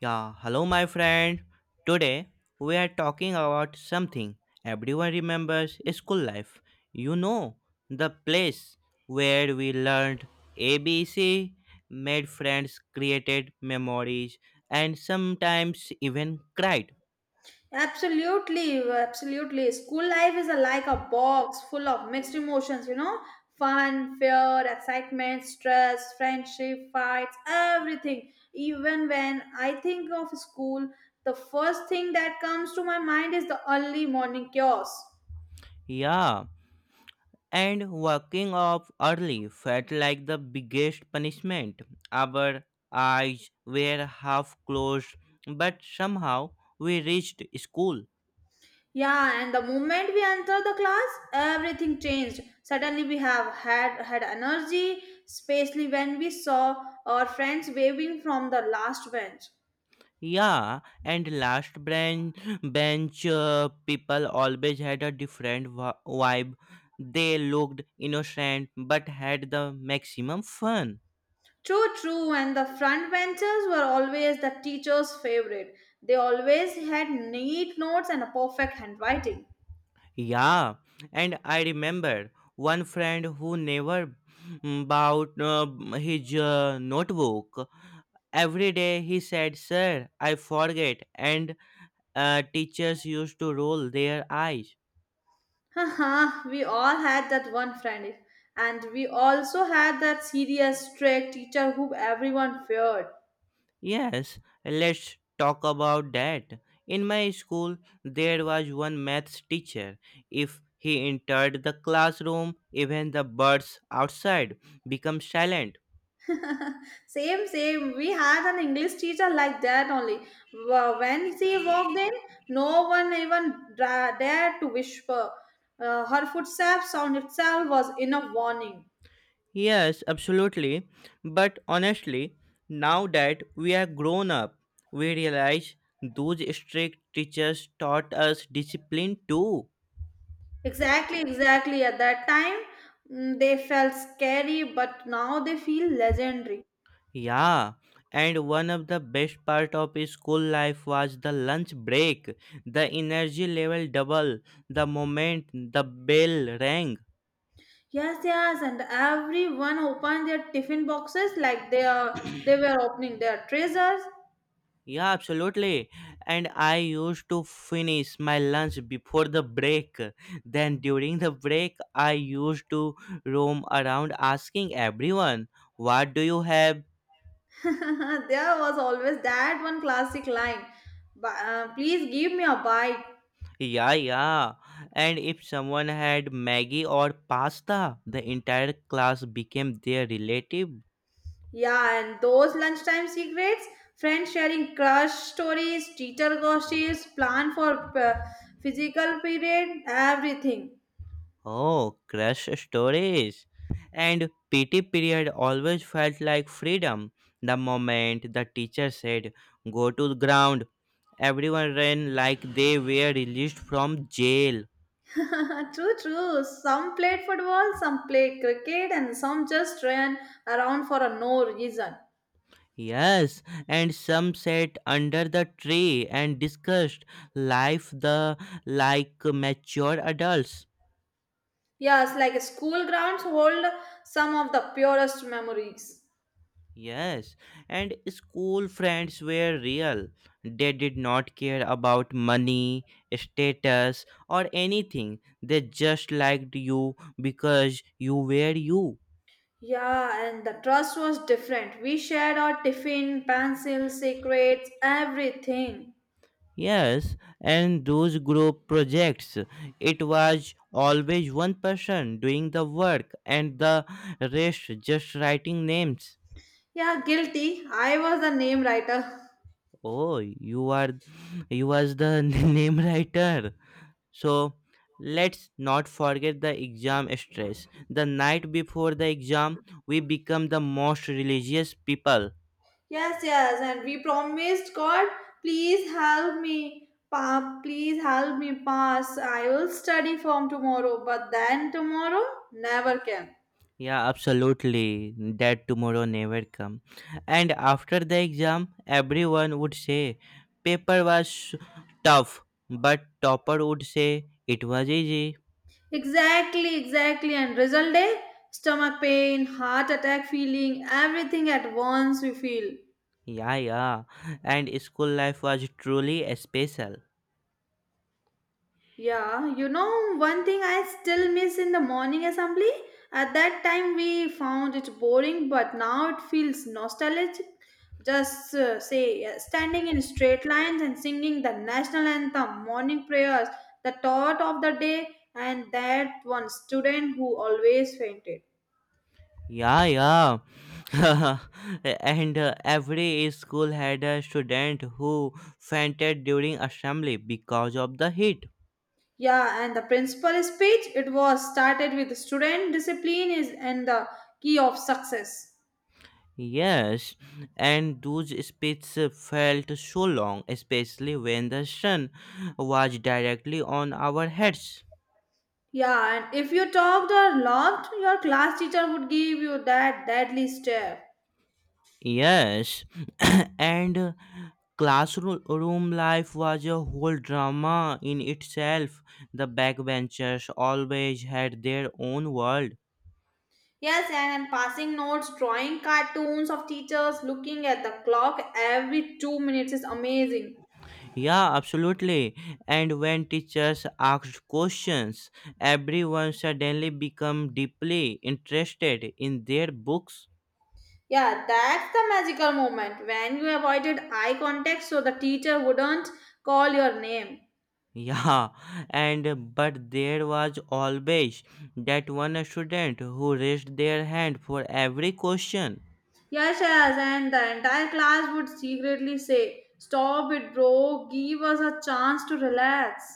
Yeah, hello, my friend. Today we are talking about something everyone remembers school life. You know, the place where we learned ABC, made friends, created memories, and sometimes even cried. Absolutely, absolutely. School life is like a box full of mixed emotions, you know, fun, fear, excitement, stress, friendship, fights, everything. Even when I think of school, the first thing that comes to my mind is the early morning chaos. Yeah, and waking up early felt like the biggest punishment. Our eyes were half closed, but somehow we reached school. Yeah, and the moment we enter the class, everything changed. Suddenly we have had had energy, especially when we saw our friends waving from the last bench. Yeah, and last branch bench people always had a different vibe. They looked innocent but had the maximum fun. True, true, and the front benchers were always the teacher's favorite. They always had neat notes and a perfect handwriting. Yeah, and I remember one friend who never bought his notebook. Every day he said, "Sir, I forget," and teachers used to roll their eyes. Haha, we all had that one friend, and we also had that serious, strict teacher who everyone feared. Yes, let's talk about that. In my school, there was one maths teacher. If he entered the classroom, even the birds outside become silent. Same, same, we had an English teacher like that only. When she walked in, no one even dared to whisper. Her footsteps sound itself was enough warning. Yes, absolutely. But honestly, now that we are grown up, we realize those strict teachers taught us discipline too. Exactly, exactly. At that time, they felt scary, but now they feel legendary. Yeah, and one of the best part of school life was the lunch break. The energy level double the moment the bell rang. Yes, yes, and everyone opened their tiffin boxes like they were opening their treasures. Yeah, absolutely. And I used to finish my lunch before the break. Then during the break, I used to roam around asking everyone, "What do you have?" There was always that one classic line. But, please give me a bite. Yeah, yeah. And if someone had Maggie or pasta, the entire class became their relative. Yeah, and those lunchtime secrets, friends sharing crush stories, teacher gossips, plan for physical period, everything. Oh, crush stories. And PT period always felt like freedom. The moment the teacher said, go to the ground, everyone ran like they were released from jail. True, true. Some played football, some played cricket, and some just ran around for a no reason. Yes, and some sat under the tree and discussed life the like mature adults. Yes, like school grounds hold some of the purest memories. Yes, and school friends were real. They did not care about money, status, or anything. They just liked you because you were you. Yeah, and the trust was different. We shared our tiffin, pencils, secrets, everything. Yes, and those group projects, it was always one person doing the work and the rest just writing names. Yeah, guilty. I was the name writer. Oh, you was the name writer. So let's not forget the exam stress. The night before the exam, we become the most religious people. Yes, yes, and we promised God, please help me, please help me pass. I will study from tomorrow, but then tomorrow never came. Yeah, absolutely. That tomorrow never come. And after the exam, everyone would say paper was tough, but topper would say it was easy. Exactly, exactly, and result day, stomach pain, heart attack feeling, everything at once we feel. Yeah, yeah. And school life was truly special. Yeah, you know, one thing I still miss in the morning assembly. At that time, we found it boring, but now it feels nostalgic. Just standing in straight lines and singing the national anthem, morning prayers, the thought of the day, and that one student who always fainted. Yeah, yeah. And every school had a student who fainted during assembly because of the heat. Yeah, and the principal speech, it was started with student discipline is and the key of success. Yes, and those speeches felt so long, especially when the sun was directly on our heads. Yeah, and if you talked or laughed, your class teacher would give you that deadly stare. Yes, and classroom life was a whole drama in itself. The backbenchers always had their own world. Yes, and passing notes, drawing cartoons of teachers, looking at the clock every 2 minutes is amazing. Yeah, absolutely. And when teachers asked questions, everyone suddenly become deeply interested in their books. Yeah, that's the magical moment when you avoided eye contact so the teacher wouldn't call your name. Yeah, and but there was always that one student who raised their hand for every question. Yes, yes, and the entire class would secretly say, stop it, bro, give us a chance to relax.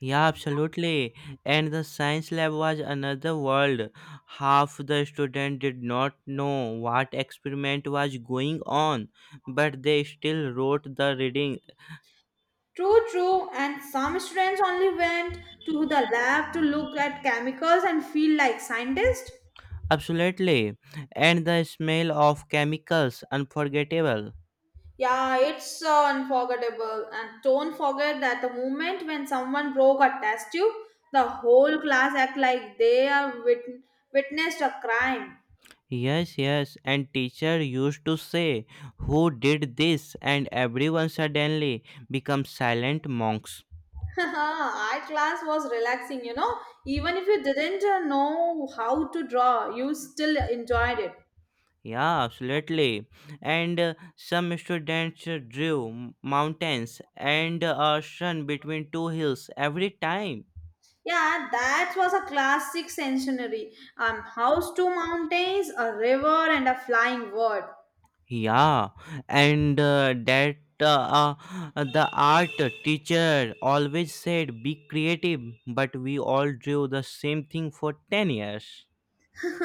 Yeah, absolutely. And the science lab was another world. Half the student did not know what experiment was going on, but they still wrote the reading. True, true. And some students only went to the lab to look at chemicals and feel like scientists. Absolutely. And the smell of chemicals, unforgettable. Yeah, it's unforgettable. And don't forget that the moment when someone broke a test tube, the whole class act like they witnessed a crime. Yes, yes. And teacher used to say, who did this? And everyone suddenly becomes silent monks. Our class was relaxing, you know. Even if you didn't know how to draw, you still enjoyed it. Yeah, absolutely. And some students drew mountains and a ocean between two hills every time. Yeah, that was a classic centenary. House to mountains, a river, and a flying word. Yeah, and that the art teacher always said be creative, but we all drew the same thing for 10 years.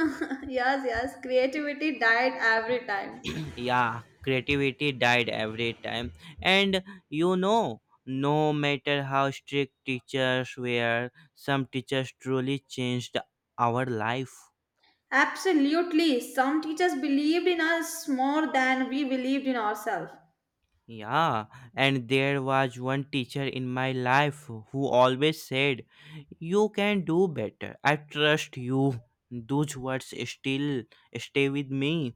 Yes, yes, creativity died every time. Yeah, creativity died every time. And you know, no matter how strict teachers were, some teachers truly changed our life. Absolutely, some teachers believed in us more than we believed in ourselves. Yeah, and there was one teacher in my life who always said, you can do better. I trust you. Those words still stay with me.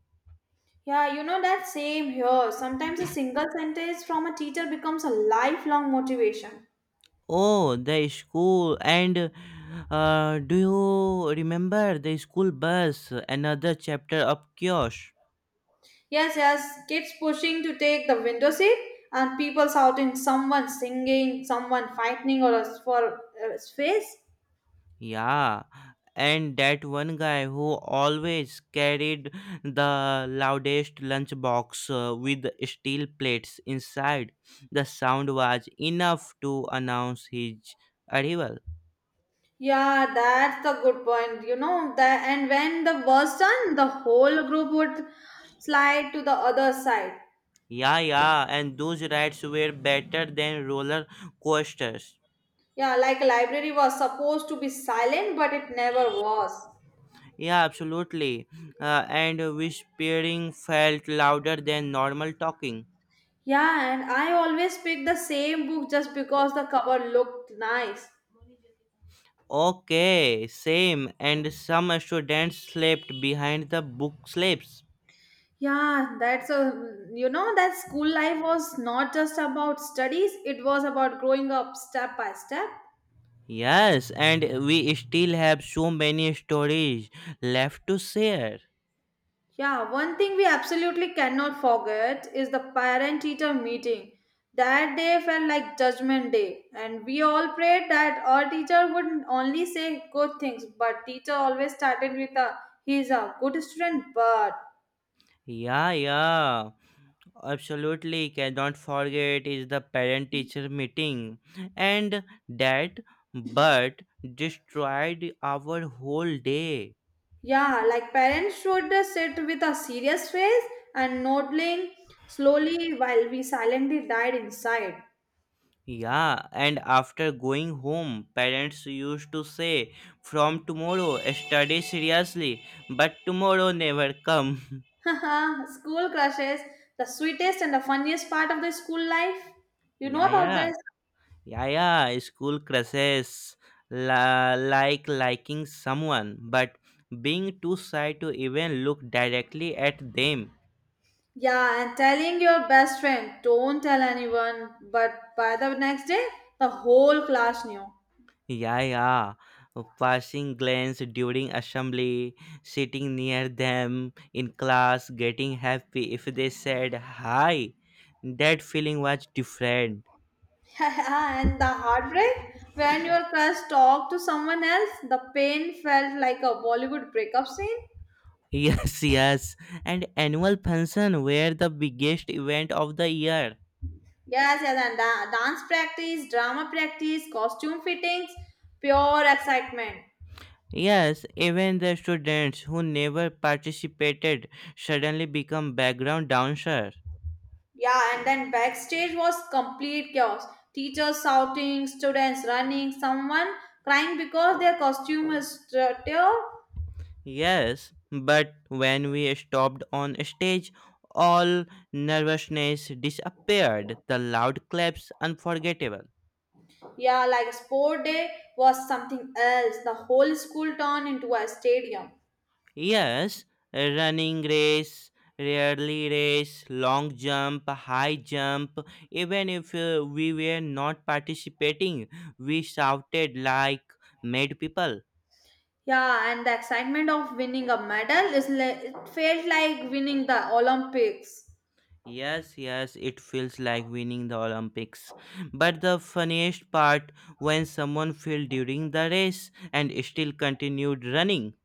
Yeah, you know that same here. Sometimes a single sentence from a teacher becomes a lifelong motivation. Oh, the school. And do you remember the school bus? Another chapter of chaos. Yes, yes, kids pushing to take the window seat and people shouting, someone singing, someone fighting or for a space. Yeah, and that one guy who always carried the loudest lunchbox with steel plates inside. The sound was enough to announce his arrival. Yeah, that's the good point. You know that, and when the was done, the whole group would slide to the other side. Yeah, yeah, and those rides were better than roller coasters. Yeah, like a library was supposed to be silent, but it never was. Yeah, absolutely. And whispering felt louder than normal talking. Yeah, and I always pick the same book just because the cover looked nice. Okay, same. And some students slept behind the book slips. Yeah, that's a you know that school life was not just about studies; it was about growing up step by step. Yes, and we still have so many stories left to share. Yeah, one thing we absolutely cannot forget is the parent teacher meeting. That day felt like judgment day, and we all prayed that our teacher would only say good things, but teacher always started with a he's a good student, but Yeah, yeah, absolutely. Cannot forget is the parent teacher meeting, and that but destroyed our whole day. yeah, like parents should sit with a serious face and nodding slowly while we silently died inside. Yeah, and after going home, parents used to say, "From tomorrow, study seriously," but tomorrow never come. School crushes, the sweetest and the funniest part of the school life. You know Yeah, about yeah. this? Yeah, yeah, school crushes, like liking someone, but being too shy to even look directly at them. Yeah, and telling your best friend, don't tell anyone, but by the next day, the whole class knew. Yeah, yeah, passing glance during assembly, sitting near them in class, getting happy if they said hi. That feeling was different. Yeah, and the heartbreak when your crush talked to someone else, the pain felt like a Bollywood breakup scene. Yes, yes, and annual function were the biggest event of the year. Yes, yes, and dance practice, drama practice, costume fittings, pure excitement. Yes, even the students who never participated suddenly become background dancers. Yeah, and then backstage was complete chaos. Teachers shouting, students running, someone crying because their costume is torn. Yes, but when we stopped on stage, all nervousness disappeared, the loud claps unforgettable. Yeah, like sport day was something else. The whole school turned into a stadium. Yes, running race, rarely race, long jump, high jump, even if we were not participating, we shouted like mad people. Yeah, and the excitement of winning a medal is like it felt like winning the Olympics. Yes, yes, it feels like winning the Olympics. But the funniest part when someone fell during the race and still continued running.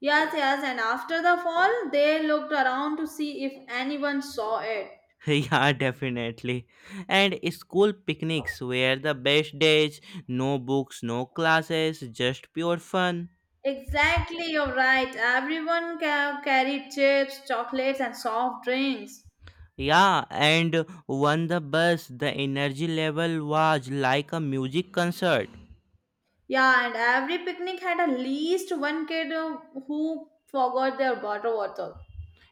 Yes, yes, and after the fall, they looked around to see if anyone saw it. Yeah, definitely. And school picnics were the best days, no books, no classes, just pure fun. Exactly, you're right. Everyone carried chips, chocolates, and soft drinks. Yeah, and on the bus, the energy level was like a music concert. Yeah, and every picnic had at least one kid who forgot their water bottle.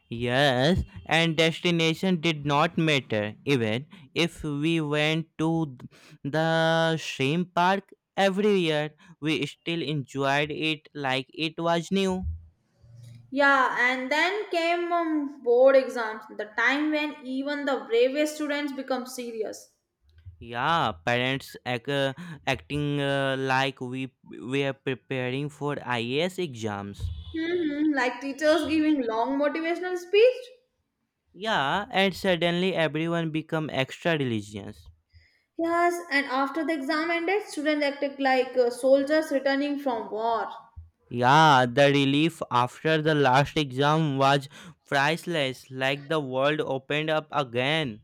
Yes, and destination did not matter. Even if we went to the same park every year, we still enjoyed it like it was new. Yeah, and then came board exams, the time when even the bravest students become serious. Yeah, parents acting like we were preparing for IAS exams. Hmm, like teachers giving long motivational speech. Yeah, and suddenly everyone become extra religious. Yes, and after the exam ended, students acted like soldiers returning from war. Yeah, the relief after the last exam was priceless, like the world opened up again.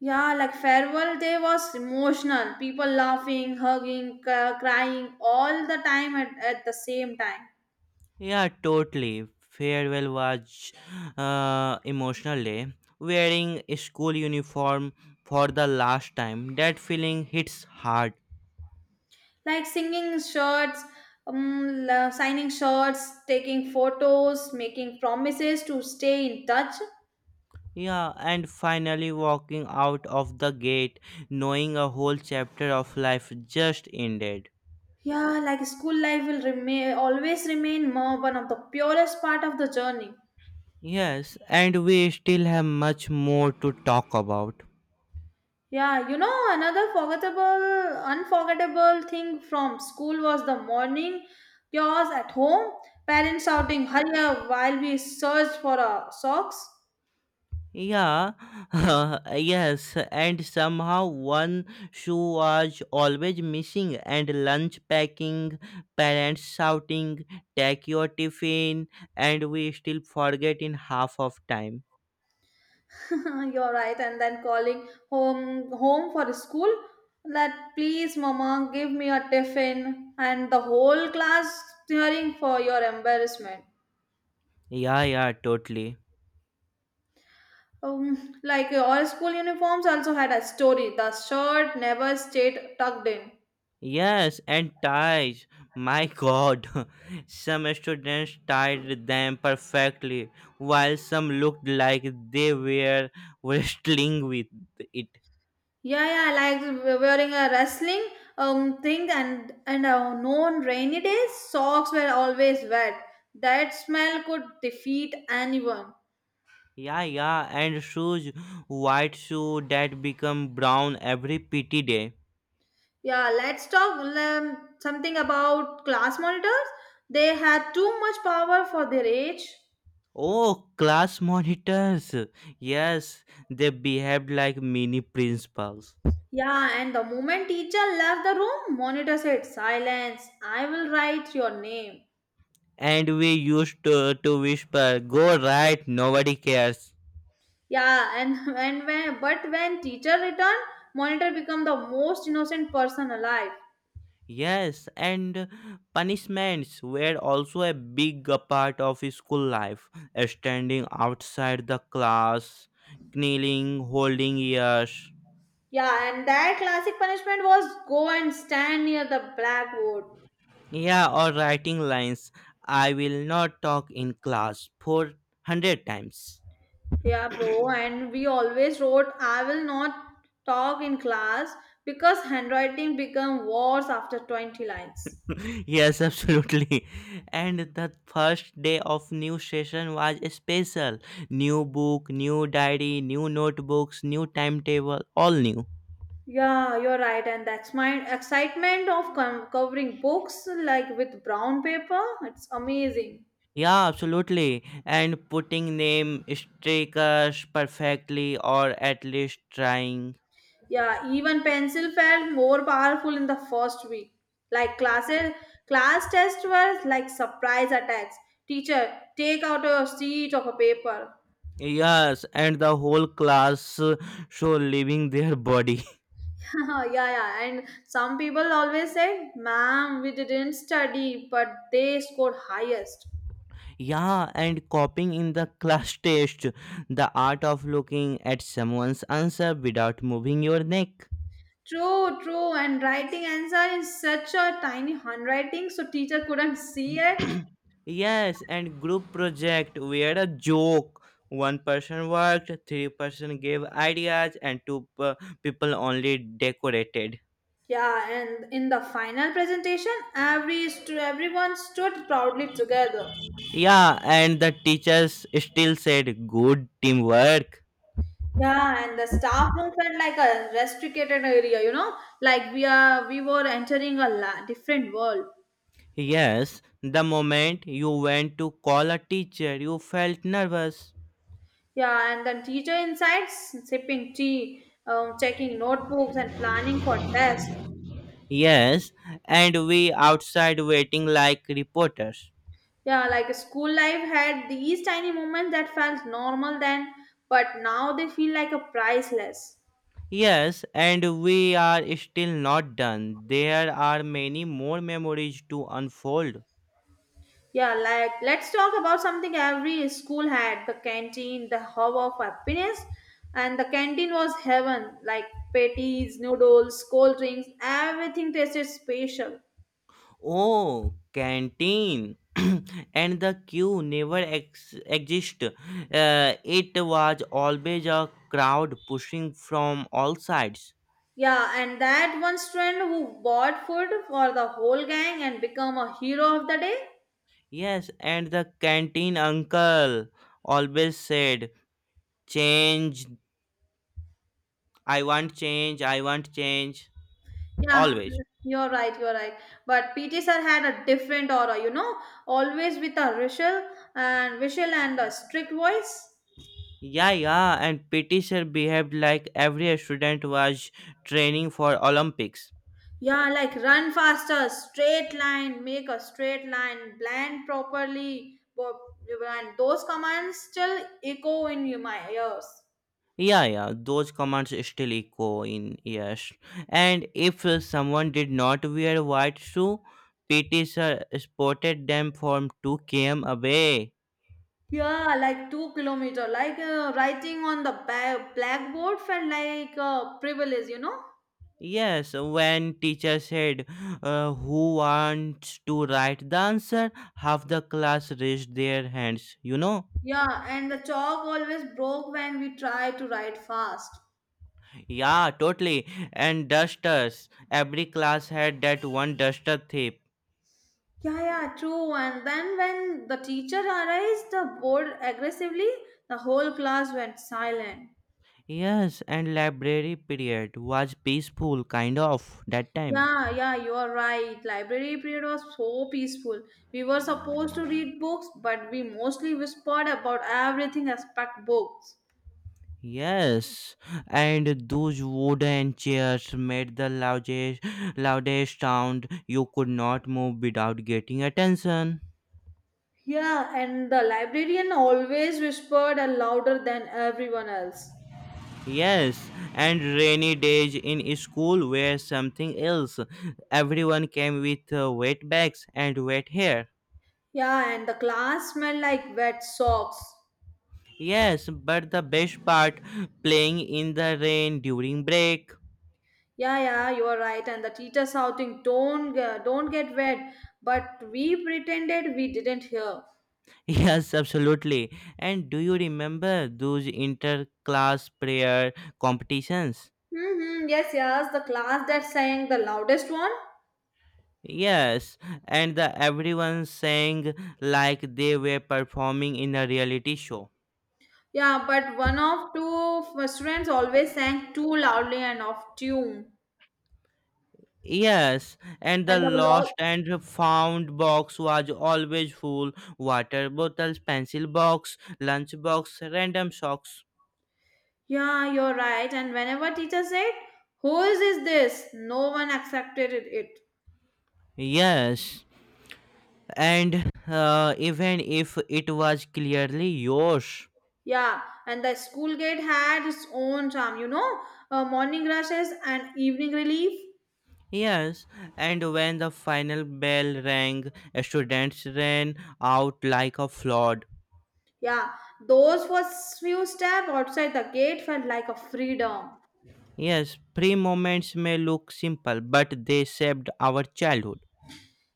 Yeah, like farewell day was emotional. People laughing, hugging, crying all the time at the same time. Yeah, totally. Farewell was emotional day. Wearing a school uniform for the last time, that feeling hits hard. Like singing shirts signing shirts, taking photos, making promises to stay in touch. Yeah, and finally walking out of the gate, knowing a whole chapter of life just ended. Yeah, like school life will remain always remain more one of the purest part of the journey. Yes, and we still have much more to talk about. Yeah, you know another forgettable unforgettable thing from school was the morning chaos at home, parents shouting hurry up while we searched for our socks. Yeah, yes, and somehow one shoe was always missing, and lunch packing, parents shouting, take your tiffin, and we still forget in half of time. You're right, and then calling home for school that please, mama, give me a tiffin, and the whole class cheering for your embarrassment. Yeah, yeah, totally. Like your school uniforms also had a story. The shirt never stayed tucked in. Yes, and ties. My god, some students tied them perfectly, while some looked like they were wrestling with it. Yeah, yeah, like wearing a wrestling thing and no on rainy days socks were always wet. That smell could defeat anyone. Yeah, yeah, and shoes, white shoe that become brown every pity day. Yeah, let's talk something about class monitors. They had too much power for their age. Oh, class monitors. Yes, they behaved like mini principals. Yeah, and the moment teacher left the room, monitor said, "Silence! I will write your name." And we used to, whisper, go right, nobody cares. Yeah, and and when teacher returned, monitor become the most innocent person alive. Yes, and punishments were also a big part of school life. Standing outside the class, kneeling, holding ears. Yeah, and that classic punishment was go and stand near the blackboard. Yeah, or writing lines. I will not talk in class 400 times. Yeah, bro, and we always wrote, I will not talk in class because handwriting become worse after 20 lines. Yes, absolutely. And the first day of new session was special. New book, new diary, new notebooks, new timetable, all new. Yeah, you're right, and that's my excitement of covering books like with brown paper. It's amazing. Yeah, absolutely. And putting name stickers perfectly or at least trying. Yeah, even pencil felt more powerful in the first week. Like classes, class tests were like surprise attacks. Teacher, take out your sheet of a paper. Yes, and the whole class show leaving their body. Yeah, yeah. And some people always say, ma'am, we didn't study, but they scored highest. Yeah, and copying in the class test, the art of looking at someone's answer without moving your neck. True, true. And writing answer is such a tiny handwriting, so teacher couldn't see it. Yes, and group project, we had a joke. One person worked, three-person gave ideas, and people only decorated. Yeah, and in the final presentation, every everyone stood proudly together. Yeah, and the teachers still said good teamwork. Yeah, and the staff room felt like a restricted area, you know, like we were entering a different world. Yes, the moment you went to call a teacher, you felt nervous. Yeah, and then teacher insights, sipping tea, checking notebooks, and planning for tests. Yes, and we outside waiting like reporters. Yeah, like school life had these tiny moments that felt normal then, but now they feel like a priceless. Yes, and we are still not done. There are many more memories to unfold. Yeah, like let's talk about something every school had the canteen, the hub of happiness. And the canteen was heaven like patties, noodles, cold drinks, everything tasted special. Oh, canteen. And the queue never exist. It was always a crowd pushing from all sides. Yeah, and that one friend who bought food for the whole gang and become a hero of the day. Yes, and the canteen uncle always said, "Change. I want change. I want change." Yeah, Always. You're right. But PT sir had a different aura, you know, always with a whistle and a strict voice. Yeah, yeah, and PT sir behaved like every student was training for Olympics. Yeah, like run faster, straight line, make a straight line, blend properly. But- And those commands still echo in my ears. Yeah, yeah, those commands still echo in ears. And if someone did not wear white shoe, PT sir spotted them from 2 km away. Yeah, like 2 kilometers. Like writing on the blackboard felt like a privilege, you know? Yes, when teacher said, who wants to write the answer, half the class raised their hands, you know? Yeah, and the chalk always broke when we tried to write fast. Yeah, totally. And dusters. Every class had that one duster thief. Yeah, yeah, true. And then when the teacher erased the board aggressively, the whole class went silent. Yes, and library period was peaceful, kind of, that time. Yeah, yeah, you are right. Library period was so peaceful. We were supposed to read books, but we mostly whispered about everything except books. Yes, and those wooden chairs made the loudest sound. You could not move without getting attention. Yeah, and the librarian always whispered louder than everyone else. Yes, and rainy days in school were something else. Everyone came with wet bags and wet hair. Yeah, and the class smelled like wet socks. Yes, but the best part playing in the rain during break. Yeah, yeah, you are right. And the teacher shouting, don't get wet!" But we pretended we didn't hear. Yes, absolutely. And do you remember those inter-class prayer competitions? Mm-hmm, yes, yes, the class that sang the loudest one. Yes, and the everyone sang like they were performing in a reality show. Yeah, but one of two students always sang too loudly and off tune, Yes, and and the the lo- lost and found box was always full. Water bottles, pencil box, lunch box, random socks. Yeah, you're right. And whenever teacher said, whose is this? No one accepted it. Yes, and even if it was clearly yours. Yeah, and the school gate had its own charm, you know, morning rushes and evening relief. Yes, and when the final bell rang, students ran out like a flood. Yeah, those first few steps outside the gate felt like a freedom. Yes, pre moments may look simple, but they shaped our childhood.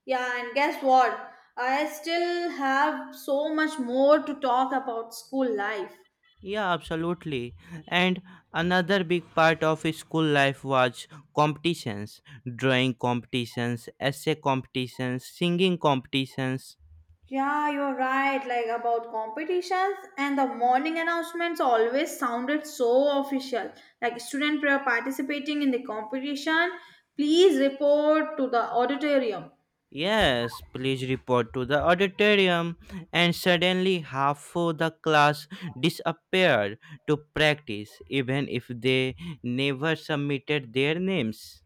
Yeah, and guess what? I still have so much more to talk about school life. Yeah, absolutely. And another big part of school life was competitions, drawing competitions, essay competitions, singing competitions. Yeah, you're right, like about competitions and the morning announcements always sounded so official. Like student prayer participating in the competition, please report to the auditorium. Yes, please report to the auditorium. And suddenly, half of the class disappeared to practice, even if they never submitted their names.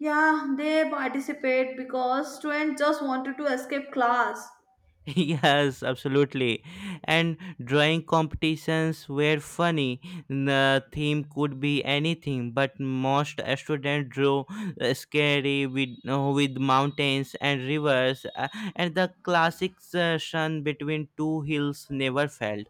Yeah, they participate because students just wanted to escape class. Yes, absolutely. And drawing competitions were funny. The theme could be anything, but most students drew with mountains and rivers, and the classic sun between two hills never failed.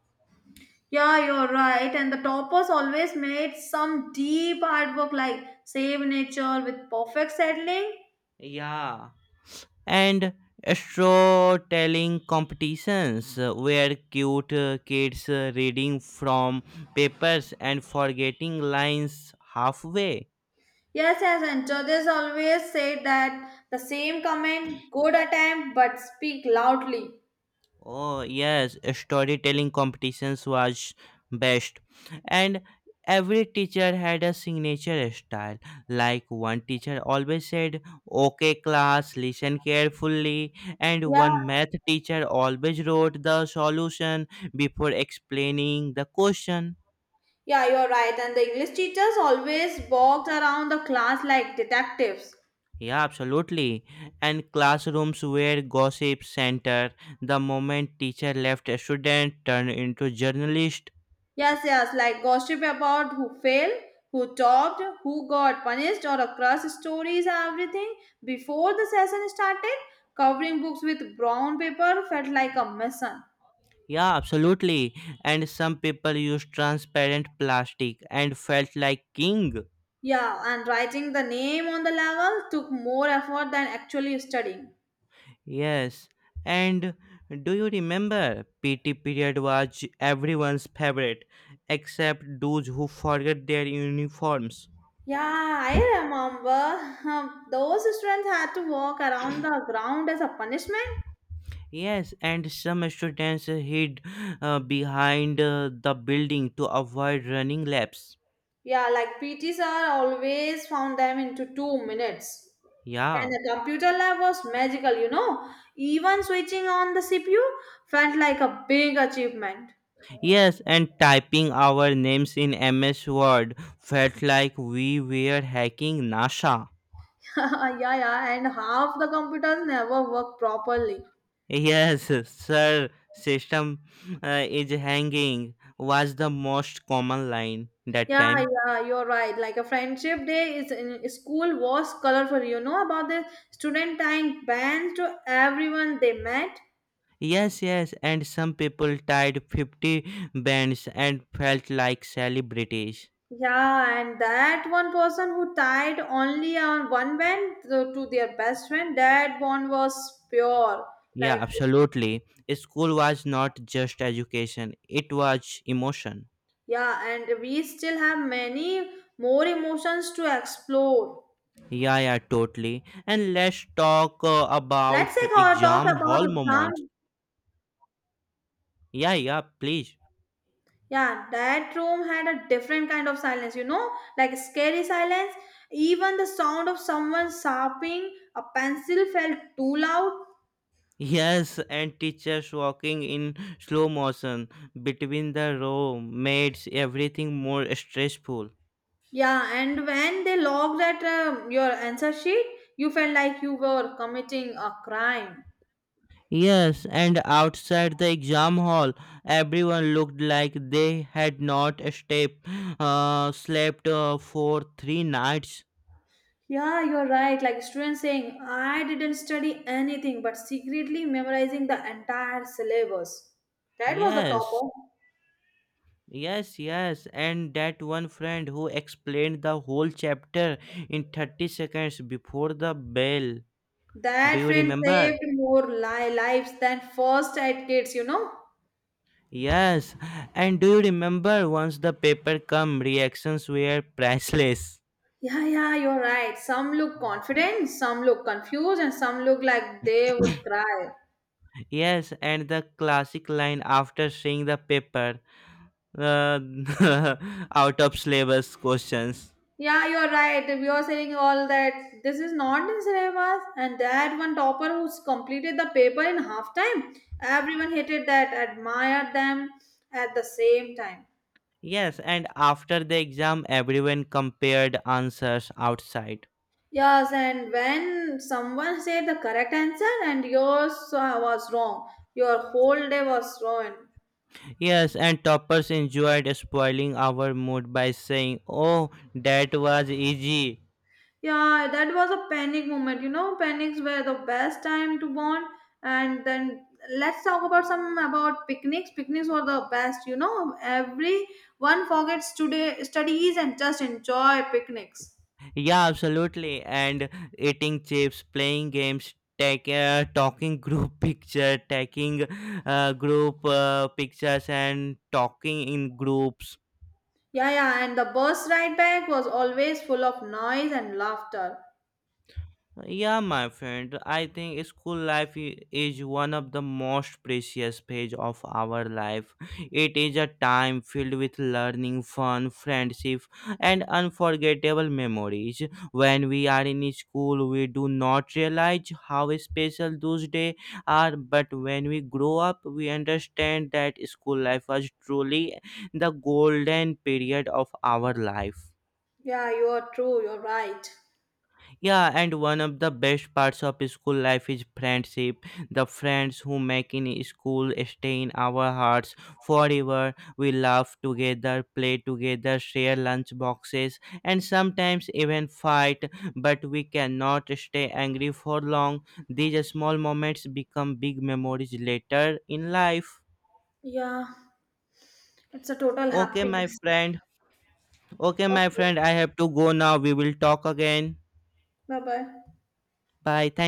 Yeah, you're right. And the toppers always made some deep artwork like save nature with perfect settling. Yeah, and storytelling competitions where cute kids reading from papers and forgetting lines halfway. Yes, yes, and judges always say that the same comment, good attempt, but speak loudly. Oh yes, storytelling competitions was best, and every teacher had a signature style. Like one teacher always said, "Okay, class, listen carefully," and Yeah. one math teacher always wrote the solution before explaining the question. Yeah, you're right. And the English teachers always walked around the class like detectives. Yeah, absolutely. And classrooms were gossip center. The moment teacher left, a student turned into journalist. Yes, yes, like gossip about who failed, who topped, who got punished, or across stories, everything. Before the session started, covering books with brown paper felt like a mission. Yeah, absolutely. And some people used transparent plastic and felt like king. Yeah, and writing the name on the level took more effort than actually studying. Yes. And do you remember PT period was everyone's favorite except those who forget their uniforms. Yeah, I remember. Those students had to walk around the ground as a punishment. Yes, and some students hid behind the building to avoid running laps. Yeah, like PT sir always found them into 2 minutes. And Yeah. the computer lab was magical, you know. Even switching on the CPU felt like a big achievement. Yes, and typing our names in MS Word felt like we were hacking NASA. Yeah, yeah, and half the computers never work properly. Yes, sir, system is hanging was the most common line that Yeah, time. yeah, you're right. Like a friendship day is in school was colorful. You know about the student tying bands to everyone they met. Yes, yes, and some people tied 50 bands and felt like celebrities. Yeah, and that one person who tied only on one band to their best friend, that bond was pure. Yeah, Like, absolutely. School was not just education, it was emotion. yeah, and we still have many more emotions to explore. Yeah, yeah, totally. And let's talk about Talk exam about hall moments. exam. Yeah, yeah, please. Yeah, that room had a different kind of silence, you know, like scary silence. Even the sound of someone sharpening a pencil felt too loud. Yes, and teachers walking in slow motion between the row makes everything more stressful. Yeah, and when they logged at your answer sheet, you felt like you were committing a crime. Yes, and outside the exam hall, everyone looked like they had not slept for three nights. Yeah, you're right. Like students saying, I didn't study anything, but secretly memorizing the entire syllabus. That was the Yes, topper. Yes, and that one friend who explained the whole chapter in 30 seconds before the bell. Do That you friend remember? saved more lives than first aid kits, you know. Yes, and do you remember once the paper come reactions were priceless? Yeah, yeah, you're right. Some look confident, some look confused, and some look like they would cry. Yes, and the classic line after seeing the paper uh, out of syllabus questions. Yeah, you're right. If you're saying all that, this is not in syllabus, and that one topper who's completed the paper in half time, everyone hated that, admired them at the same time. Yes, and after the exam, everyone compared answers outside. Yes, and when someone said the correct answer and yours was wrong, your whole day was ruined. Yes, and toppers enjoyed spoiling our mood by saying, oh, that was easy. Yeah, that was a panic moment. You know, panics were the best time to bond. And then let's talk about some about picnics. Picnics were the best. You know, everyone forgets today studies and just enjoy picnics. Yeah, absolutely. And eating chips, playing games, take, talking group picture, taking group pictures, and talking in groups. Yeah, yeah, and the bus ride back was always full of noise and laughter. Yeah, my friend, I think school life is one of the most precious phase of our life. It is a time filled with learning, fun, friendship, and unforgettable memories. When we are in school, we do not realize how special those days are, but when we grow up, we understand that school life was truly the golden period of our life. Yeah, you are true. You're right. Yeah, and one of the best parts of school life is friendship. The friends who make in school stay in our hearts forever. We laugh together, play together, share lunch boxes, and sometimes even fight. But we cannot stay angry for long. These small moments become big memories later in life. Yeah, it's a total Okay, my happiness. friend. Okay, my Okay, friend, I have to go now. We will talk again. bye bye. Bye. Thank